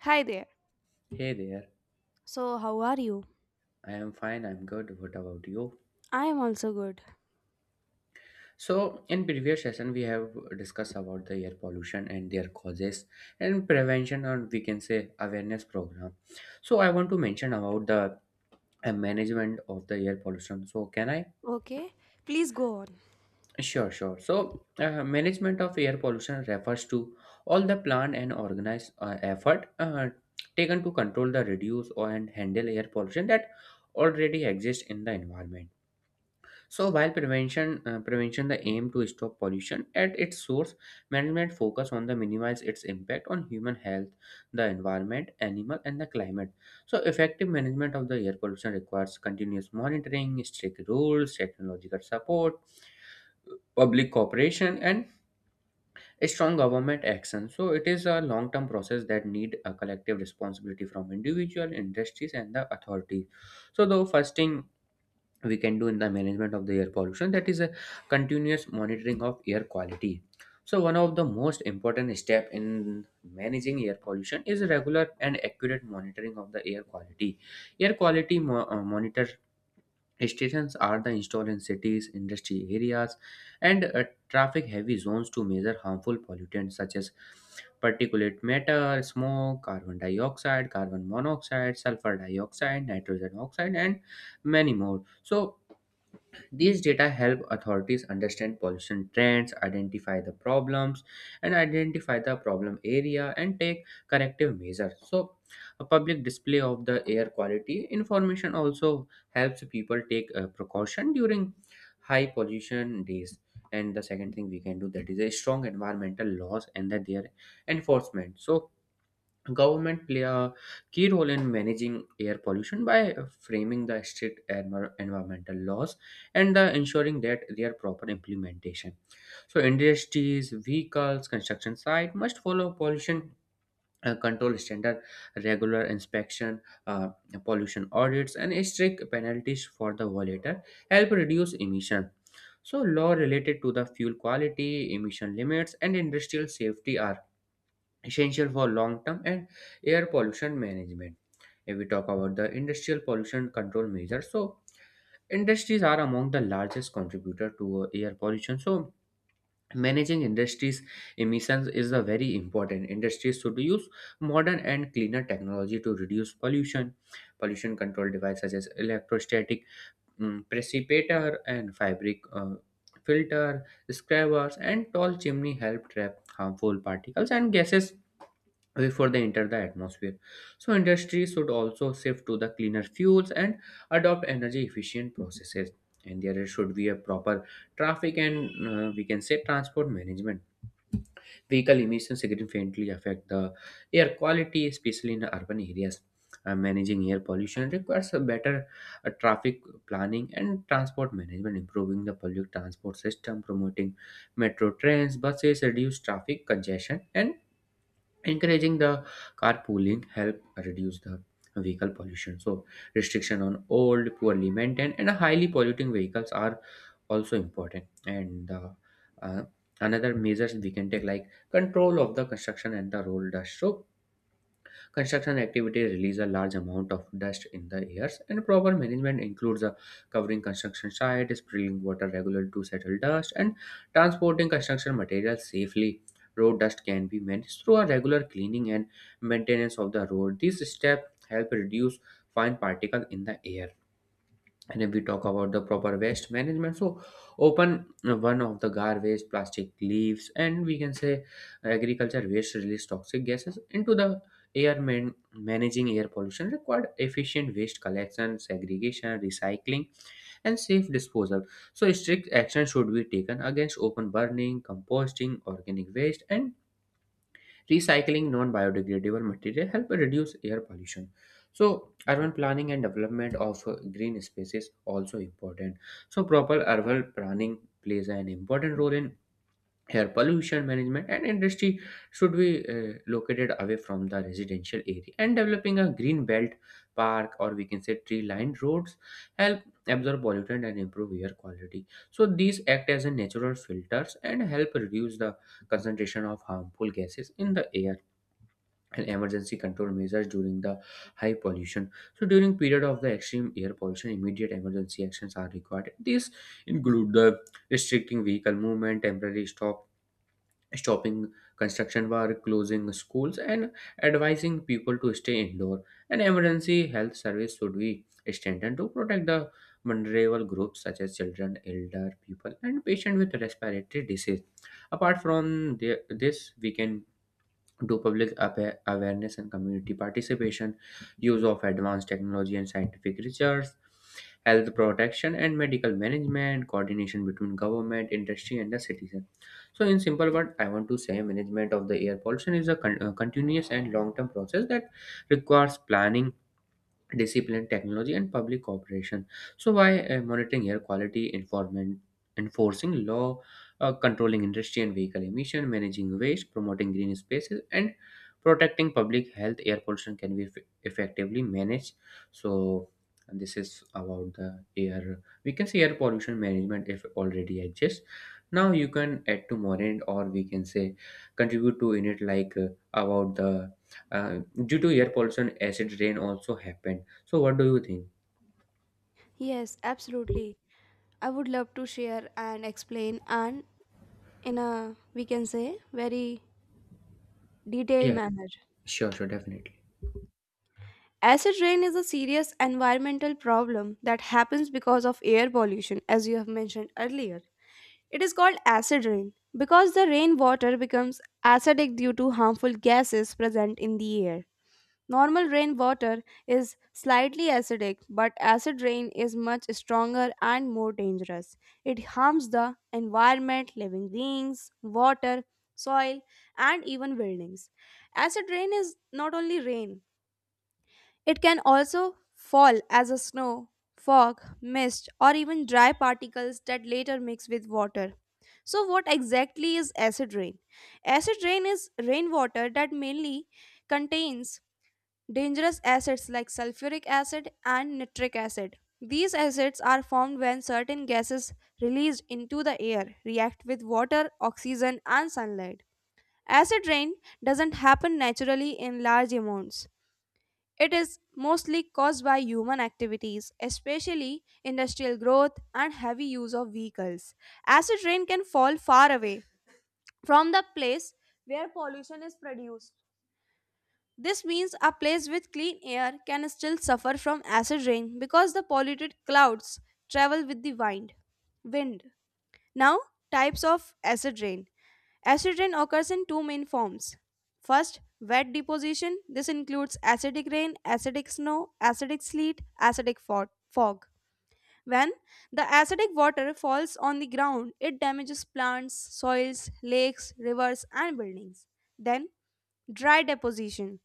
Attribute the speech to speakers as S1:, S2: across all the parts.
S1: Hi there.
S2: Hey there.
S1: So, how are you?
S2: I am fine. I'm good. What about you?
S1: I am also good.
S2: So, in previous session, we have discussed about the air pollution and their causes and prevention, or we can say awareness program. So, I want to mention about the management of the air pollution. So, can I?
S1: Okay, please go on.
S2: Sure, sure. So, management of air pollution refers to all the planned and organized effort taken to control the reduce or and handle air pollution that already exists in the environment. So while prevention the aim to stop pollution at its source, management focus on the minimize its impact on human health, the environment, animal and the climate. So effective management of the air pollution requires continuous monitoring, strict rules, technological support, public cooperation and a strong government action. So it is a long term process that need a collective responsibility from individual industries and the authorities. So the first thing we can do in the management of the air pollution, that is a continuous monitoring of air quality. So one of the most important step in managing air pollution is regular and accurate monitoring of the air quality. Air quality monitor stations are the installed in cities industry areas and traffic heavy zones to measure harmful pollutants such as particulate matter, smoke, carbon dioxide, carbon monoxide, sulfur dioxide, nitrogen oxide and many more. So these data help authorities understand pollution trends, identify the problems, and identify the problem area and take corrective measures. So a public display of the air quality information also helps people take precaution during high pollution days. And the second thing we can do, that is a strong environmental laws and that their enforcement. So, government play a key role in managing air pollution by framing the strict environmental laws and ensuring that their proper implementation. So industries, vehicles, construction site must follow pollution control standard, regular inspection, uh, pollution audits and strict penalties for the violator help reduce emission. So law related to the fuel quality, emission limits and industrial safety are essential for long term and air pollution management. If we talk about the industrial pollution control measures, so industries are among the largest contributor to air pollution. So managing industries emissions is a very important. Industries should use modern and cleaner technology to reduce pollution. Pollution control devices such as electrostatic precipitator and fabric filter, scrubbers and tall chimney help trap harmful particles and gases before they enter the atmosphere. So industries should also shift to the cleaner fuels and adopt energy efficient processes. And there should be a proper traffic and we can say transport management. Vehicle emissions significantly affect the air quality, especially in urban areas. Managing air pollution requires a better traffic planning and transport management, improving the public transport system, promoting metro trains, buses, reduce traffic congestion, and encouraging the carpooling help reduce the vehicle pollution. So restriction on old, poorly maintained and highly polluting vehicles are also important, and uh, another measures we can take like control of the construction and the road dust. So construction activities release a large amount of dust in the airs, and proper management includes covering construction site, spraying water regularly to settle dust, and transporting construction materials safely. Road dust can be managed through a regular cleaning and maintenance of the road. These steps help reduce fine particles in the air. And if we talk about the proper waste management, so open one of the garbage, plastic, leaves and we can say agriculture waste release toxic gases into the air. Managing air pollution required efficient waste collection, segregation, recycling and safe disposal. So strict action should be taken against open burning, composting organic waste, and recycling non-biodegradable material help reduce air pollution. So urban planning and development of green spaces also important. So proper urban planning plays an important role in air pollution management, and industry should be located away from the residential area, and developing a green belt, park, or we can say tree lined roads, help absorb pollutant and improve air quality. So these act as a natural filters and help reduce the concentration of harmful gases in the air. And emergency control measures during the high pollution. So during period of the extreme air pollution, immediate emergency actions are required. These include the restricting vehicle movement, stopping construction work, closing schools, and advising people to stay indoor. An emergency health service should be strengthened to protect the vulnerable groups such as children, elder people, and patients with respiratory disease. Apart from this, we can to public awareness and community participation, use of advanced technology and scientific research, health protection and medical management, coordination between government, industry, and the citizen. So, in simple words, I want to say management of the air pollution is a continuous and long term process that requires planning, discipline, technology, and public cooperation. So, by monitoring air quality, enforcing law, controlling industry and vehicle emission, managing waste, promoting green spaces, and protecting public health, air pollution can be effectively managed. So, and this is about the air. We can say air pollution management if already exists. Now you can add to more end, or we can say contribute to in it like about the uh, due to air pollution, acid rain also happened. So, what do you think?
S1: Yes, absolutely. I would love to share and explain and in a we can say very detailed
S2: Yeah,
S1: manner.
S2: sure, sure, definitely.
S1: Acid rain is a serious environmental problem that happens because of air pollution as you have mentioned earlier. It is called acid rain because the rainwater becomes acidic due to harmful gases present in the air. Normal rainwater is slightly acidic, but acid rain is much stronger and more dangerous. It harms the environment, living beings, water, soil, and even buildings. Acid rain is not only rain, it can also fall as a snow, fog, mist, or even dry particles that later mix with water. So, what exactly is acid rain? Acid rain is rainwater that mainly contains dangerous acids like sulfuric acid and nitric acid. These acids are formed when certain gases released into the air react with water, oxygen, and sunlight. Acid rain doesn't happen naturally in large amounts. It is mostly caused by human activities, especially industrial growth and heavy use of vehicles. Acid rain can fall far away from the place where pollution is produced. This means a place with clean air can still suffer from acid rain because the polluted clouds travel with the wind. Wind. Now, types of acid rain. Acid rain occurs in two main forms. First, wet deposition. This includes acidic rain, acidic snow, acidic sleet, acidic fog. When the acidic water falls on the ground, it damages plants, soils, lakes, rivers, and buildings. Then, dry deposition.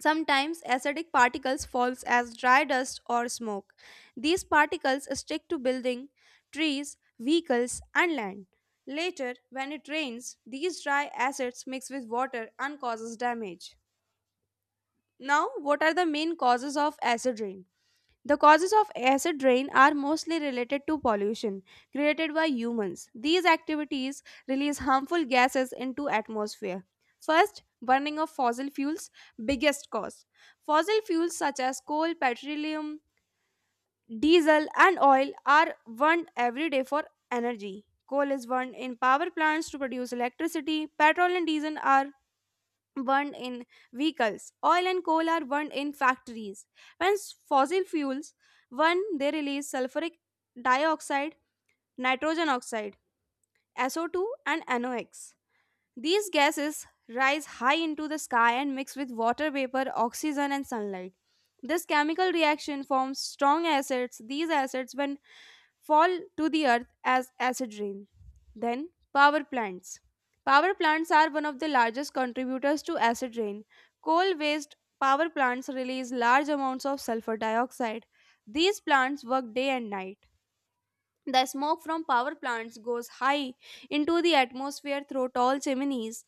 S1: Sometimes acidic particles falls as dry dust or smoke. These particles stick to building, trees, vehicles and land. Later, when it rains, these dry acids mix with water and causes damage. Now, what are the main causes of acid rain? The causes of acid rain are mostly related to pollution created by humans. These activities release harmful gases into atmosphere. First, burning of fossil fuels biggest cause. Fossil fuels such as coal, petroleum, diesel and oil are burned every day for energy. Coal is burned in power plants to produce electricity. Petrol and diesel are burned in vehicles. Oil and coal are burned in factories. When fossil fuels burn, they release sulfuric dioxide, nitrogen oxide, SO2, and NOx. These gases rise high into the sky and mix with water vapor, oxygen, and sunlight. This chemical reaction forms strong acids. These acids, when fall to the earth as acid rain. Then, power plants. Power plants are one of the largest contributors to acid rain. Coal based power plants release large amounts of sulfur dioxide. These plants work day and night. The smoke from power plants goes high into the atmosphere through tall chimneys.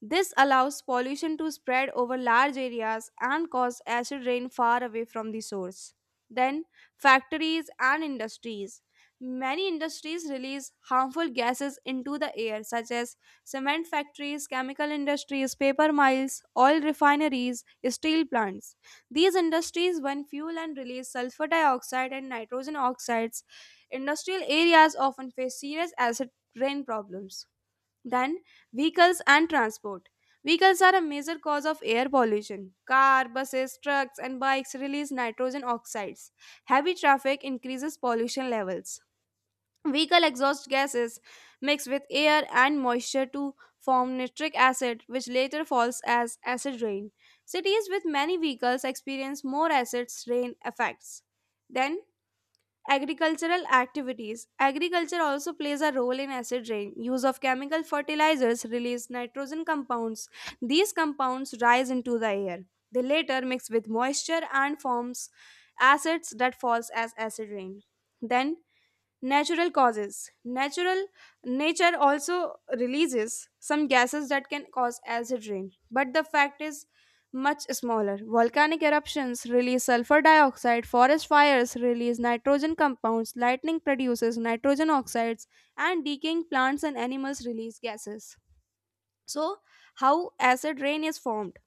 S1: This allows pollution to spread over large areas and cause acid rain far away from the source. Then, factories and industries. Many industries release harmful gases into the air, such as cement factories, chemical industries, paper mills, oil refineries, steel plants. These industries burn fuel and release sulfur dioxide and nitrogen oxides. Industrial areas often face serious acid rain problems. Then, vehicles and transport. Vehicles are a major cause of air pollution. Car, buses, trucks, and bikes release nitrogen oxides. Heavy traffic increases pollution levels. Vehicle exhaust gases mix with air and moisture to form nitric acid, which later falls as acid rain. Cities with many vehicles experience more acid rain effects. Then, agricultural activities. Agriculture also plays a role in acid rain. Use of chemical fertilizers release nitrogen compounds. These compounds rise into the air. They later mix with moisture and forms acids that falls as acid rain. Then, natural causes. Natural nature also releases some gases that can cause acid rain, but the fact is much smaller. Volcanic eruptions release sulfur dioxide, forest fires release nitrogen compounds, lightning produces nitrogen oxides, and decaying plants and animals release gases. So, how acid rain is formed.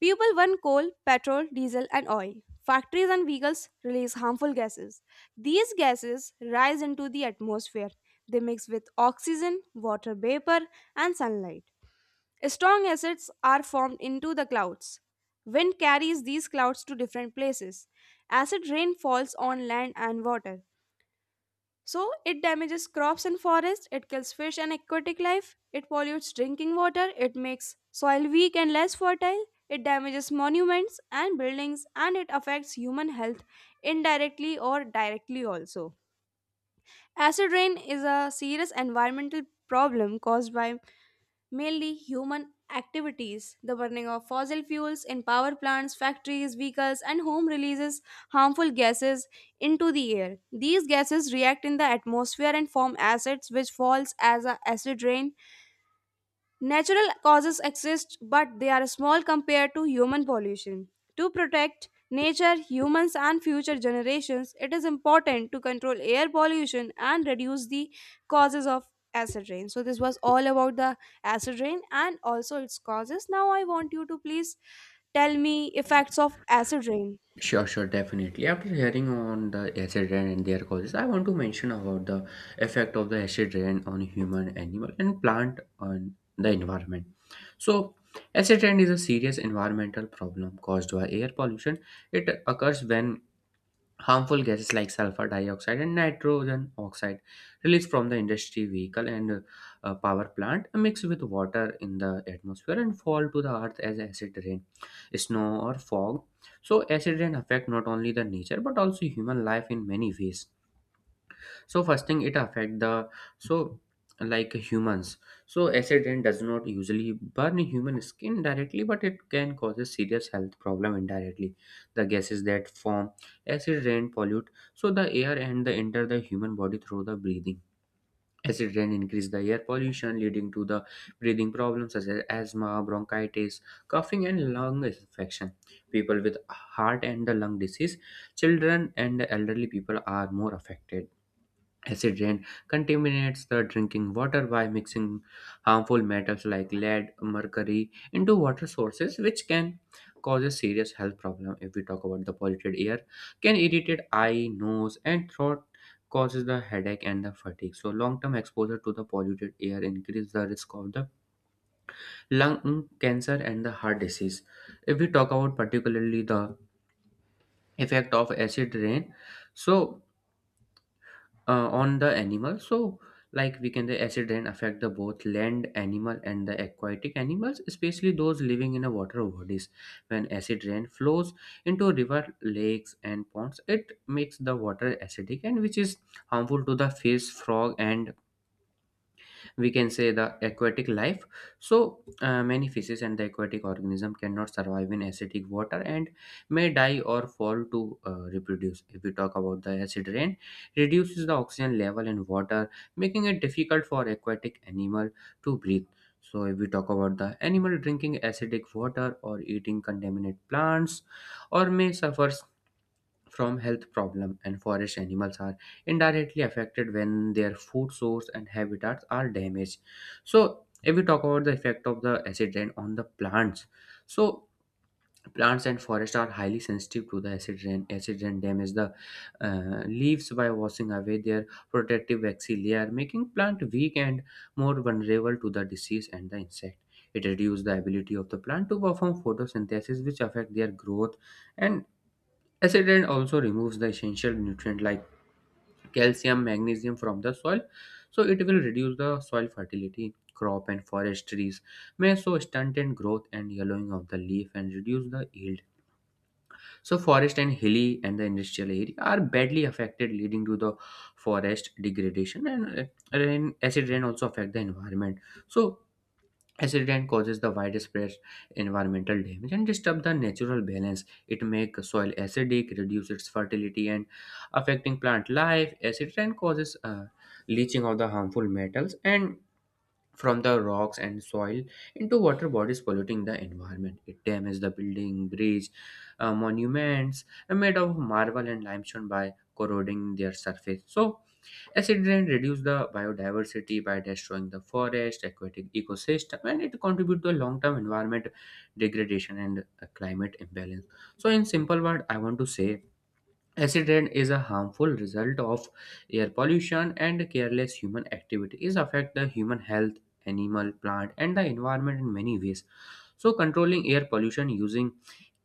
S1: People burn coal, petrol, diesel, and oil. Factories and vehicles release harmful gases. These gases rise into the atmosphere. They mix with oxygen, water vapor, and sunlight. Strong acids are formed into the clouds. Wind carries these clouds to different places. Acid rain falls on land and water. So it damages crops and forests, it kills fish and aquatic life, it pollutes drinking water, it makes soil weak and less fertile, it damages monuments and buildings, and it affects human health indirectly or directly also. Acid rain is a serious environmental problem caused by mainly human activities. The burning of fossil fuels in power plants, factories, vehicles, and home releases harmful gases into the air. These gases react in the atmosphere and form acids which falls as a acid rain. Natural causes exist, but they are small compared to human pollution. To protect nature, humans, and future generations, it is important to control air pollution and reduce the causes of acid rain. So, this was all about the acid rain and also its causes. Now, I want you to please tell me effects of acid rain.
S2: Sure, sure, definitely. After hearing on the acid rain and their causes, I want to mention about the effect of the acid rain on human, animal, and plant on the environment. So, acid rain is a serious environmental problem caused by air pollution. It occurs when harmful gases like sulfur dioxide and nitrogen oxide released from the industry, vehicle and power plant mix with water in the atmosphere and fall to the earth as acid rain, snow or fog. So acid rain affect not only the nature but also human life in many ways. So first thing it affect the, so, like humans, so acid rain does not usually burn human skin directly, but it can cause a serious health problem indirectly. The gases that form acid rain pollute so the air and the enter the human body through the breathing. Acid rain increase the air pollution leading to the breathing problems such as asthma, bronchitis, coughing and lung infection. People with heart and the lung disease, children and elderly people are more affected. Acid rain contaminates the drinking water by mixing harmful metals like lead, mercury into water sources, which can cause a serious health problem. If we talk about the polluted air, can irritate eye, nose, and throat, causes the headache and the fatigue. So, long-term exposure to the polluted air increase the risk of the lung cancer and the heart disease. If we talk about particularly the effect of acid rain, so on the animal, so like we can the acid rain affect the both land animal and the aquatic animals, especially those living in a water bodies. When acid rain flows into river, lakes and ponds, it makes the water acidic, and which is harmful to the fish, frog and we can say the aquatic life. So many fishes and the aquatic organism cannot survive in acidic water and may die or fall to reproduce. If we talk about the acid rain reduces the oxygen level in water, making it difficult for aquatic animal to breathe. So if we talk about the animal drinking acidic water or eating contaminated plants or may suffers from health problem, and forest animals are indirectly affected when their food source and habitats are damaged. So if we talk about the effect of the acid rain on the plants, so plants and forests are highly sensitive to the acid rain. Acid rain damage the leaves by washing away their protective waxy layer, making plant weak and more vulnerable to the disease and the insect. It reduces the ability of the plant to perform photosynthesis, which affect their growth. And Acetylene also removes the essential nutrient like calcium, magnesium from the soil, so it will reduce the soil fertility. Crop and forest trees may so stunt in growth and yellowing of the leaf and reduce the yield. So forest and hilly and the industrial area are badly affected, leading to the forest degradation. And acid rain also affect the environment. So acid rain causes the widespread environmental damage and disturb the natural balance. It makes soil acidic, reduce its fertility, and affecting plant life. Acid rain causes leaching of the harmful metals and from the rocks and soil into water bodies, polluting the environment. It damages the building, bridge, monuments are made of marble and limestone by corroding their surface. So acid rain reduce the biodiversity by destroying the forest, aquatic ecosystem, and it contribute to a long-term environment degradation and a climate imbalance. So, in simple word, I want to say acid rain is a harmful result of air pollution and careless human activity. It affect the human health, animal, plant, and the environment in many ways, so controlling air pollution using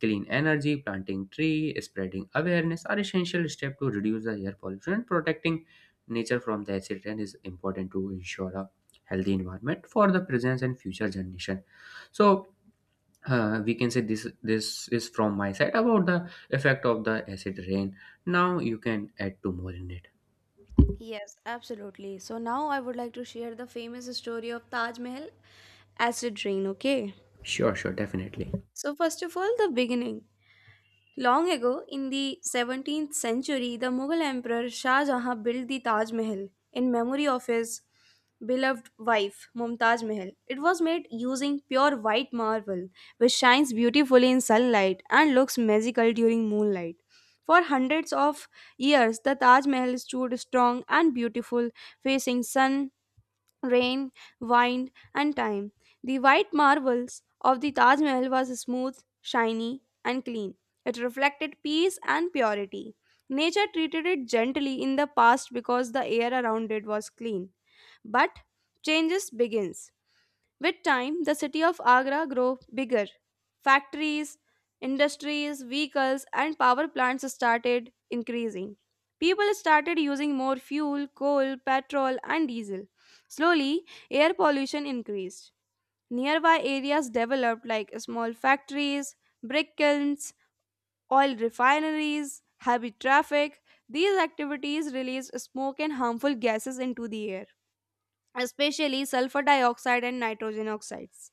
S2: clean energy, planting tree, spreading awareness are essential steps to reduce the air pollution. Protecting nature from the accident is important to ensure a healthy environment for the present and future generation. So, we can say this is from my side about the effect of the acid rain. Now you can add two more in it.
S1: Yes, absolutely. So, now I would like to share the famous story of Taj Mahal acid rain, okay?
S2: Sure, sure, definitely.
S1: So, first of all, the beginning. Long ago, in the 17th century, the Mughal Emperor Shah Jahan built the Taj Mahal in memory of his beloved wife, Mumtaz Mahal. It was made using pure white marble, which shines beautifully in sunlight and looks magical during moonlight. For hundreds of years, the Taj Mahal stood strong and beautiful, facing sun, rain, wind, and time. The white marbles of the Taj Mahal was smooth, shiny, and clean. It reflected peace and purity. Nature treated it gently in the past because the air around it was clean. But changes begins. With time, the city of Agra grew bigger. Factories, industries, vehicles, and power plants started increasing. People started using more fuel, coal, petrol, and diesel. Slowly, air pollution increased. Nearby areas developed like small factories, brick kilns, oil refineries, heavy traffic. These activities release smoke and harmful gases into the air, especially sulfur dioxide and nitrogen oxides.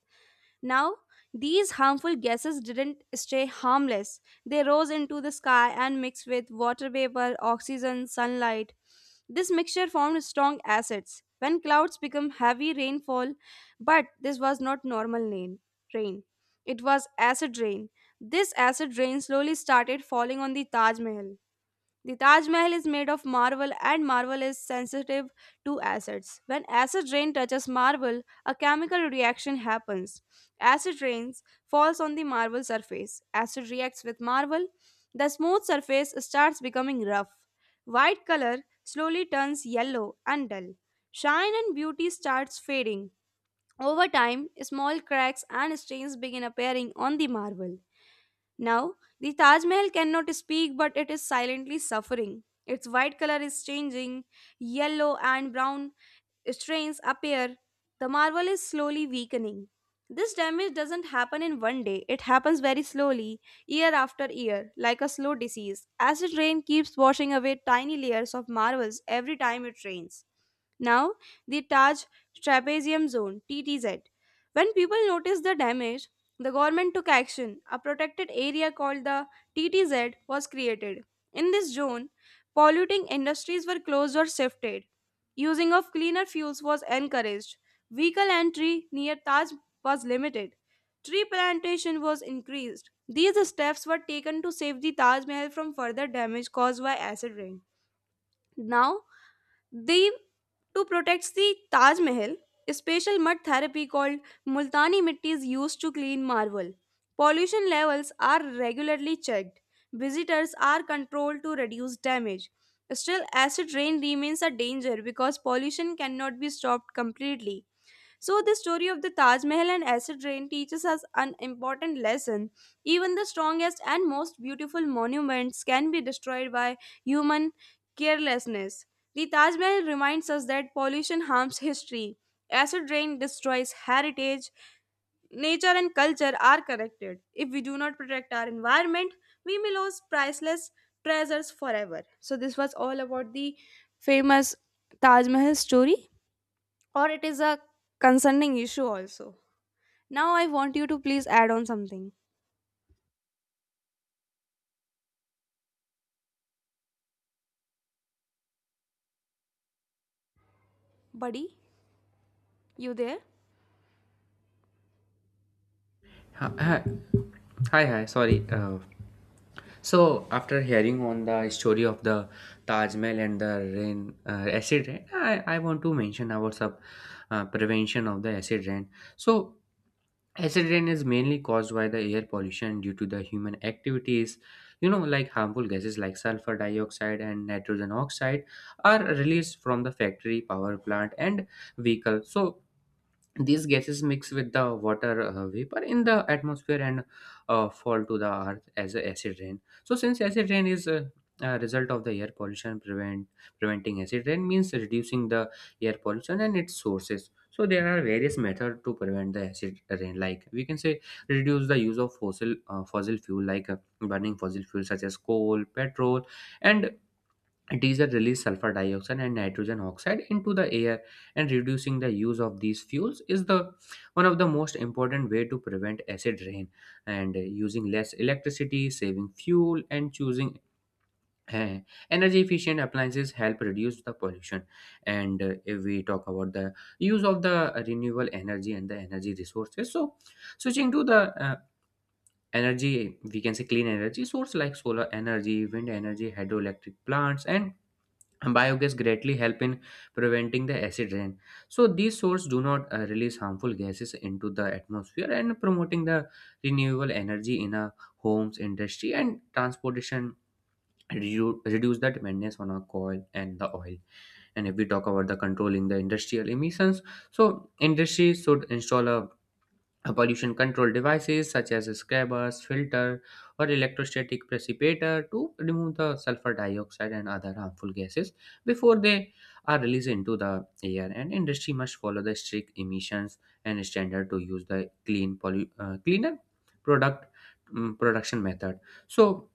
S1: Now, these harmful gases didn't stay harmless. They rose into the sky and mixed with water vapor, oxygen, sunlight. This mixture formed strong acids. When clouds become heavy rainfall, but this was not normal rain. rain. It was acid rain. This acid rain slowly started falling on the Taj Mahal. The Taj Mahal is made of marble and marble is sensitive to acids. When acid rain touches marble, a chemical reaction happens. Acid rains falls on the marble surface. Acid reacts with marble. The smooth surface starts becoming rough. White color slowly turns yellow and dull. Shine and beauty starts fading. Over time, small cracks and stains begin appearing on the marble. Now, the Taj Mahal cannot speak, but it is silently suffering. Its white color is changing. Yellow and brown strains appear, the marble is slowly weakening. This damage doesn't happen in one day, it happens very slowly, year after year, like a slow disease. Acid rain keeps washing away tiny layers of marbles every time it rains. Now, the Taj Trapezium Zone (TTZ). When people noticed the damage, the government took action. A protected area called the TTZ was created. In this zone, polluting industries were closed or shifted. Using of cleaner fuels was encouraged. Vehicle entry near Taj was limited. Tree plantation was increased. These steps were taken to save the Taj Mahal from further damage caused by acid rain. Now, they to protect the Taj Mahal, a special mud therapy called Multani mitti is used to clean marble. Pollution levels are regularly checked. Visitors are controlled to reduce damage. Still, acid rain remains a danger because pollution cannot be stopped completely. So, the story of the Taj Mahal and acid rain teaches us an important lesson. Even the strongest and most beautiful monuments can be destroyed by human carelessness. The Taj Mahal reminds us that pollution harms history, acid rain destroys heritage, nature and culture are connected. If we do not protect our environment, we may lose priceless treasures forever. So, this was all about the famous Taj Mahal story, or it is a concerning issue also. Now I want you to please add on something. Buddy, you there?
S2: Hi, hi, hi, hi, sorry. So after hearing on the story of the Taj Mahal and the rain acid rain, I want to mention about sub prevention of the acid rain. So acid rain is mainly caused by the air pollution due to the human activities. You know, like harmful gases like sulfur dioxide and nitrogen oxide are released from the factory, power plant, and vehicle. So these gases mix with the water vapor in the atmosphere and fall to the earth as a acid rain. So since acid rain is a result of the air pollution, preventing acid rain means reducing the air pollution and its sources. So there are various methods to prevent the acid rain, like we can say reduce the use of fossil fuel like burning fossil fuel such as coal, petrol, and diesel release sulfur dioxide and nitrogen oxide into the air, and reducing the use of these fuels is the one of the most important way to prevent acid rain. And using less electricity, saving fuel, and choosing uh, energy efficient appliances help reduce the pollution. And if we talk about the use of the renewable energy and the energy resources, so switching to the energy, we can say, clean energy source like solar energy, wind energy, hydroelectric plants, and biogas greatly help in preventing the acid rain. So these sources do not release harmful gases into the atmosphere, and promoting the renewable energy in a homes, industry, and transportation reduce the dependence on our coal and the oil. And if we talk about the controlling the industrial emissions, so industries should install a pollution control devices such as scrubbers, filter, or electrostatic precipitator to remove the sulfur dioxide and other harmful gases before they are released into the air. And industry must follow the strict emissions and standard to use the cleaner product production method. So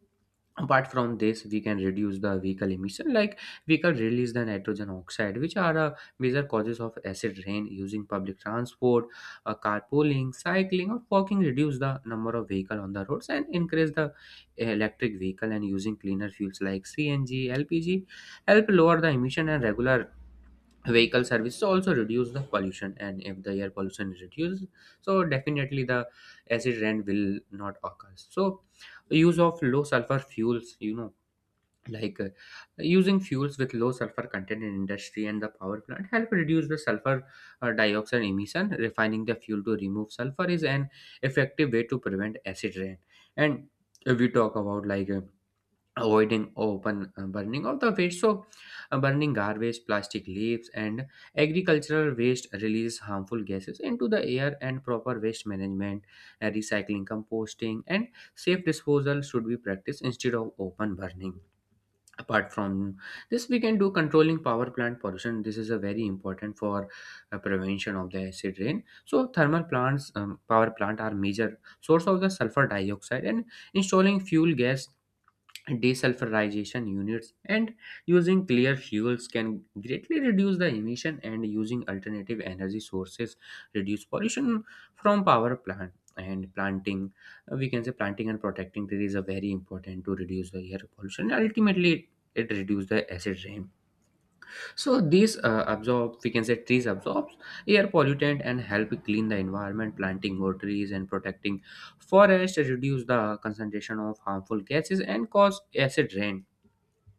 S2: apart from this, we can reduce the vehicle emission. Like vehicle release the nitrogen oxide which are a major causes of acid rain, using public transport, carpooling, cycling, or walking reduce the number of vehicle on the roads, and increase the electric vehicle and using cleaner fuels like CNG, LPG, help lower the emission, and regular vehicle services also reduce the pollution. And if the air pollution is reduced, so definitely the acid rain will not occur. So use of low sulfur fuels, you know, like using fuels with low sulfur content in industry and the power plant help reduce the sulfur dioxide emission. Refining the fuel to remove sulfur is an effective way to prevent acid rain. And if we talk about like avoiding open burning of the waste, so burning garbage, plastic, leaves, and agricultural waste releases harmful gases into the air, and proper waste management, recycling, composting, and safe disposal should be practiced instead of open burning. Apart from this, we can do controlling power plant pollution. This is a very important for prevention of the acid rain. So thermal plants, power plant, are major source of the sulfur dioxide, and installing fuel gas desulfurization units and using clear fuels can greatly reduce the emission, and using alternative energy sources reduce pollution from power plant. And planting we can say planting and protecting trees are very important to reduce the air pollution. Ultimately it reduces the acid rain. So these absorb we can say trees absorbs air pollutant and help clean the environment. Planting more trees and protecting forest reduce the concentration of harmful gases and cause acid rain.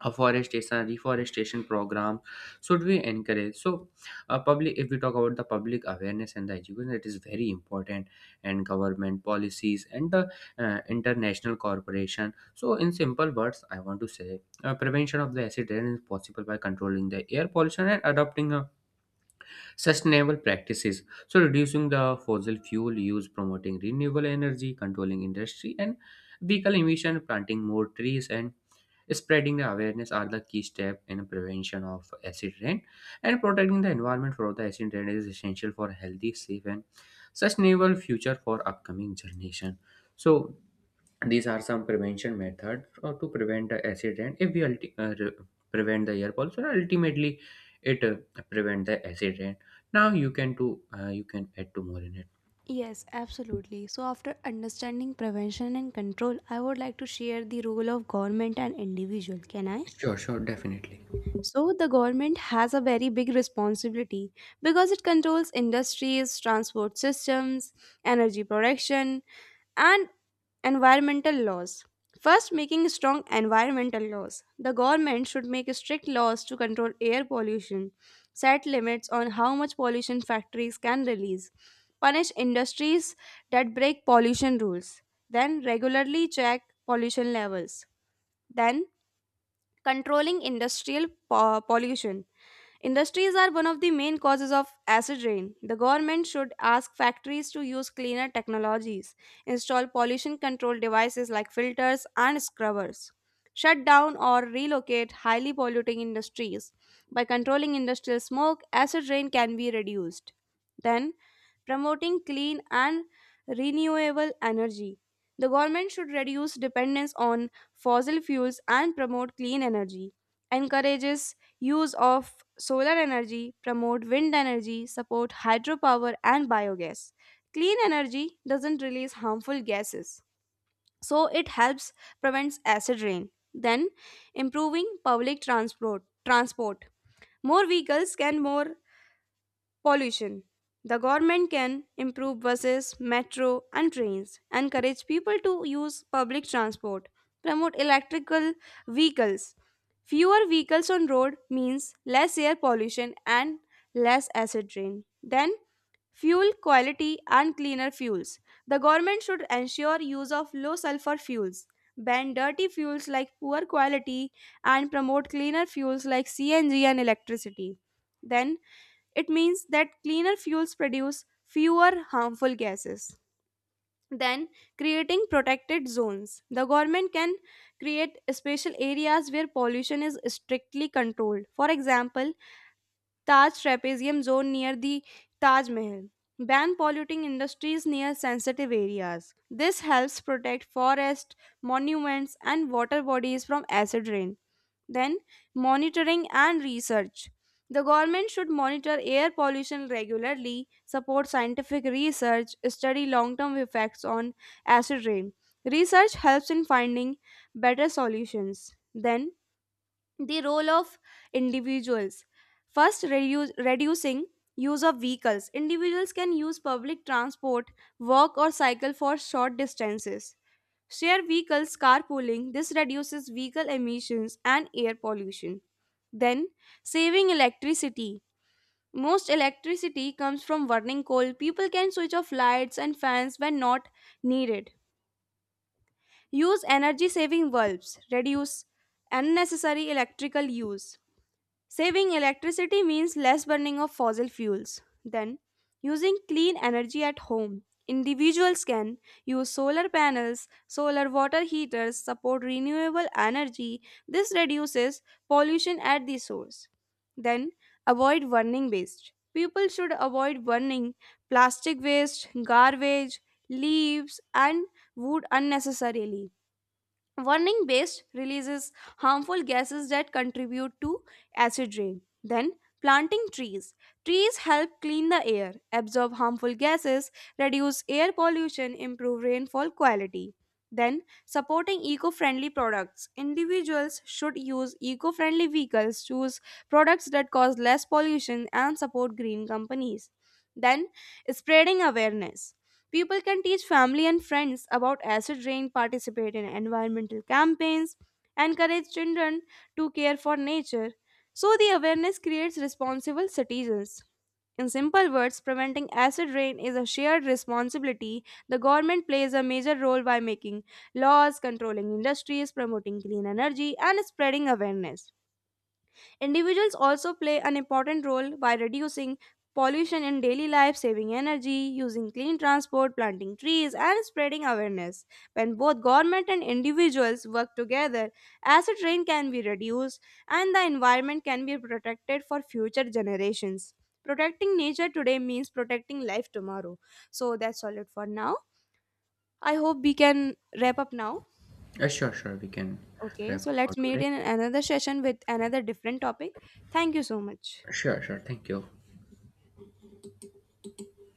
S2: Afforestation, reforestation program should we encourage. So public, if we talk about the public awareness and the education, it is very important, and government policies and the international corporation. So in simple words, I want to say prevention of the acid rain is possible by controlling the air pollution and adopting sustainable practices. So reducing the fossil fuel use, promoting renewable energy, controlling industry and vehicle emission, planting more trees, and spreading the awareness are the key step in prevention of acid rain, and protecting the environment from the acid rain is essential for healthy, safe, and sustainable future for upcoming generation. So these are some prevention methods to prevent the acid rain. If we prevent the air pollution, ultimately it prevent the acid rain. Now you can do you can add to more in it.
S1: Yes, absolutely. So after understanding prevention and control, I would like to share the role of government and individual. Can I?
S2: Sure, sure, definitely.
S1: So the government has a very big responsibility because it controls industries, transport systems, energy production, and environmental laws. First, making strong environmental laws. The government should make strict laws to control air pollution, set limits on how much pollution factories can release, punish industries that break pollution rules, then regularly check pollution levels. Then, controlling industrial pollution. Industries are one of the main causes of acid rain. The government should ask factories to use cleaner technologies, install pollution control devices like filters and scrubbers, shut down or relocate highly polluting industries. By controlling industrial smoke, acid rain can be reduced. Then, promoting clean and renewable energy. The government should reduce dependence on fossil fuels and promote clean energy, encourages use of solar energy, promote wind energy, support hydropower and biogas. Clean energy doesn't release harmful gases, so it helps prevents acid rain. Then, improving public transport. More vehicles can more pollution. The government can improve buses, metro, and trains, encourage people to use public transport, promote electrical vehicles. Fewer vehicles on road means less air pollution and less acid rain. Then, fuel quality and cleaner fuels. The government should ensure use of low sulfur fuels, ban dirty fuels like poor quality, and promote cleaner fuels like CNG and electricity. Then, it means that cleaner fuels produce fewer harmful gases. Then, creating protected zones. The government can create special areas where pollution is strictly controlled. For example, Taj Trapezium Zone near the Taj Mahal. Ban polluting industries near sensitive areas. This helps protect forests, monuments, and water bodies from acid rain. Then, monitoring and research. The government should monitor air pollution regularly, support scientific research, study long term effects on acid rain. Research helps in finding better solutions. Then, the role of individuals. First, reducing use of vehicles. Individuals can use public transport, walk or cycle for short distances, share vehicles, carpooling. This reduces vehicle emissions and air pollution. Then, saving electricity. Most electricity comes from burning coal. People can switch off lights and fans when not needed, use energy saving bulbs, reduce unnecessary electrical use. Saving electricity means less burning of fossil fuels. Then, using clean energy at home. Individuals can use solar panels, solar water heaters, support renewable energy. This reduces pollution at the source. Then, avoid burning waste. People should avoid burning plastic waste, garbage, leaves, and wood unnecessarily. Warning based releases harmful gases that contribute to acid rain. Then, planting trees. Trees help clean the air, absorb harmful gases, reduce air pollution, improve rainfall quality. Then, supporting eco friendly products. Individuals should use eco friendly vehicles, choose products that cause less pollution, and support green companies. Then, spreading awareness. People can teach family and friends about acid rain, participate in environmental campaigns, encourage children to care for nature. So the awareness creates responsible citizens. In simple words, preventing acid rain is a shared responsibility. The government plays a major role by making laws, controlling industries, promoting clean energy, and spreading awareness. Individuals also play an important role by reducing pollution in daily life, saving energy, using clean transport, planting trees, and spreading awareness. When both government and individuals work together, acid rain can be reduced and the environment can be protected for future generations. Protecting nature today means protecting life tomorrow. So that's all it for now. I hope we can wrap up now.
S2: Sure, sure, we can
S1: Okay,
S2: wrap
S1: so
S2: up
S1: let's
S2: for
S1: meet
S2: today.
S1: in another session with another different topic. Thank you so much.
S2: Sure, sure, thank you.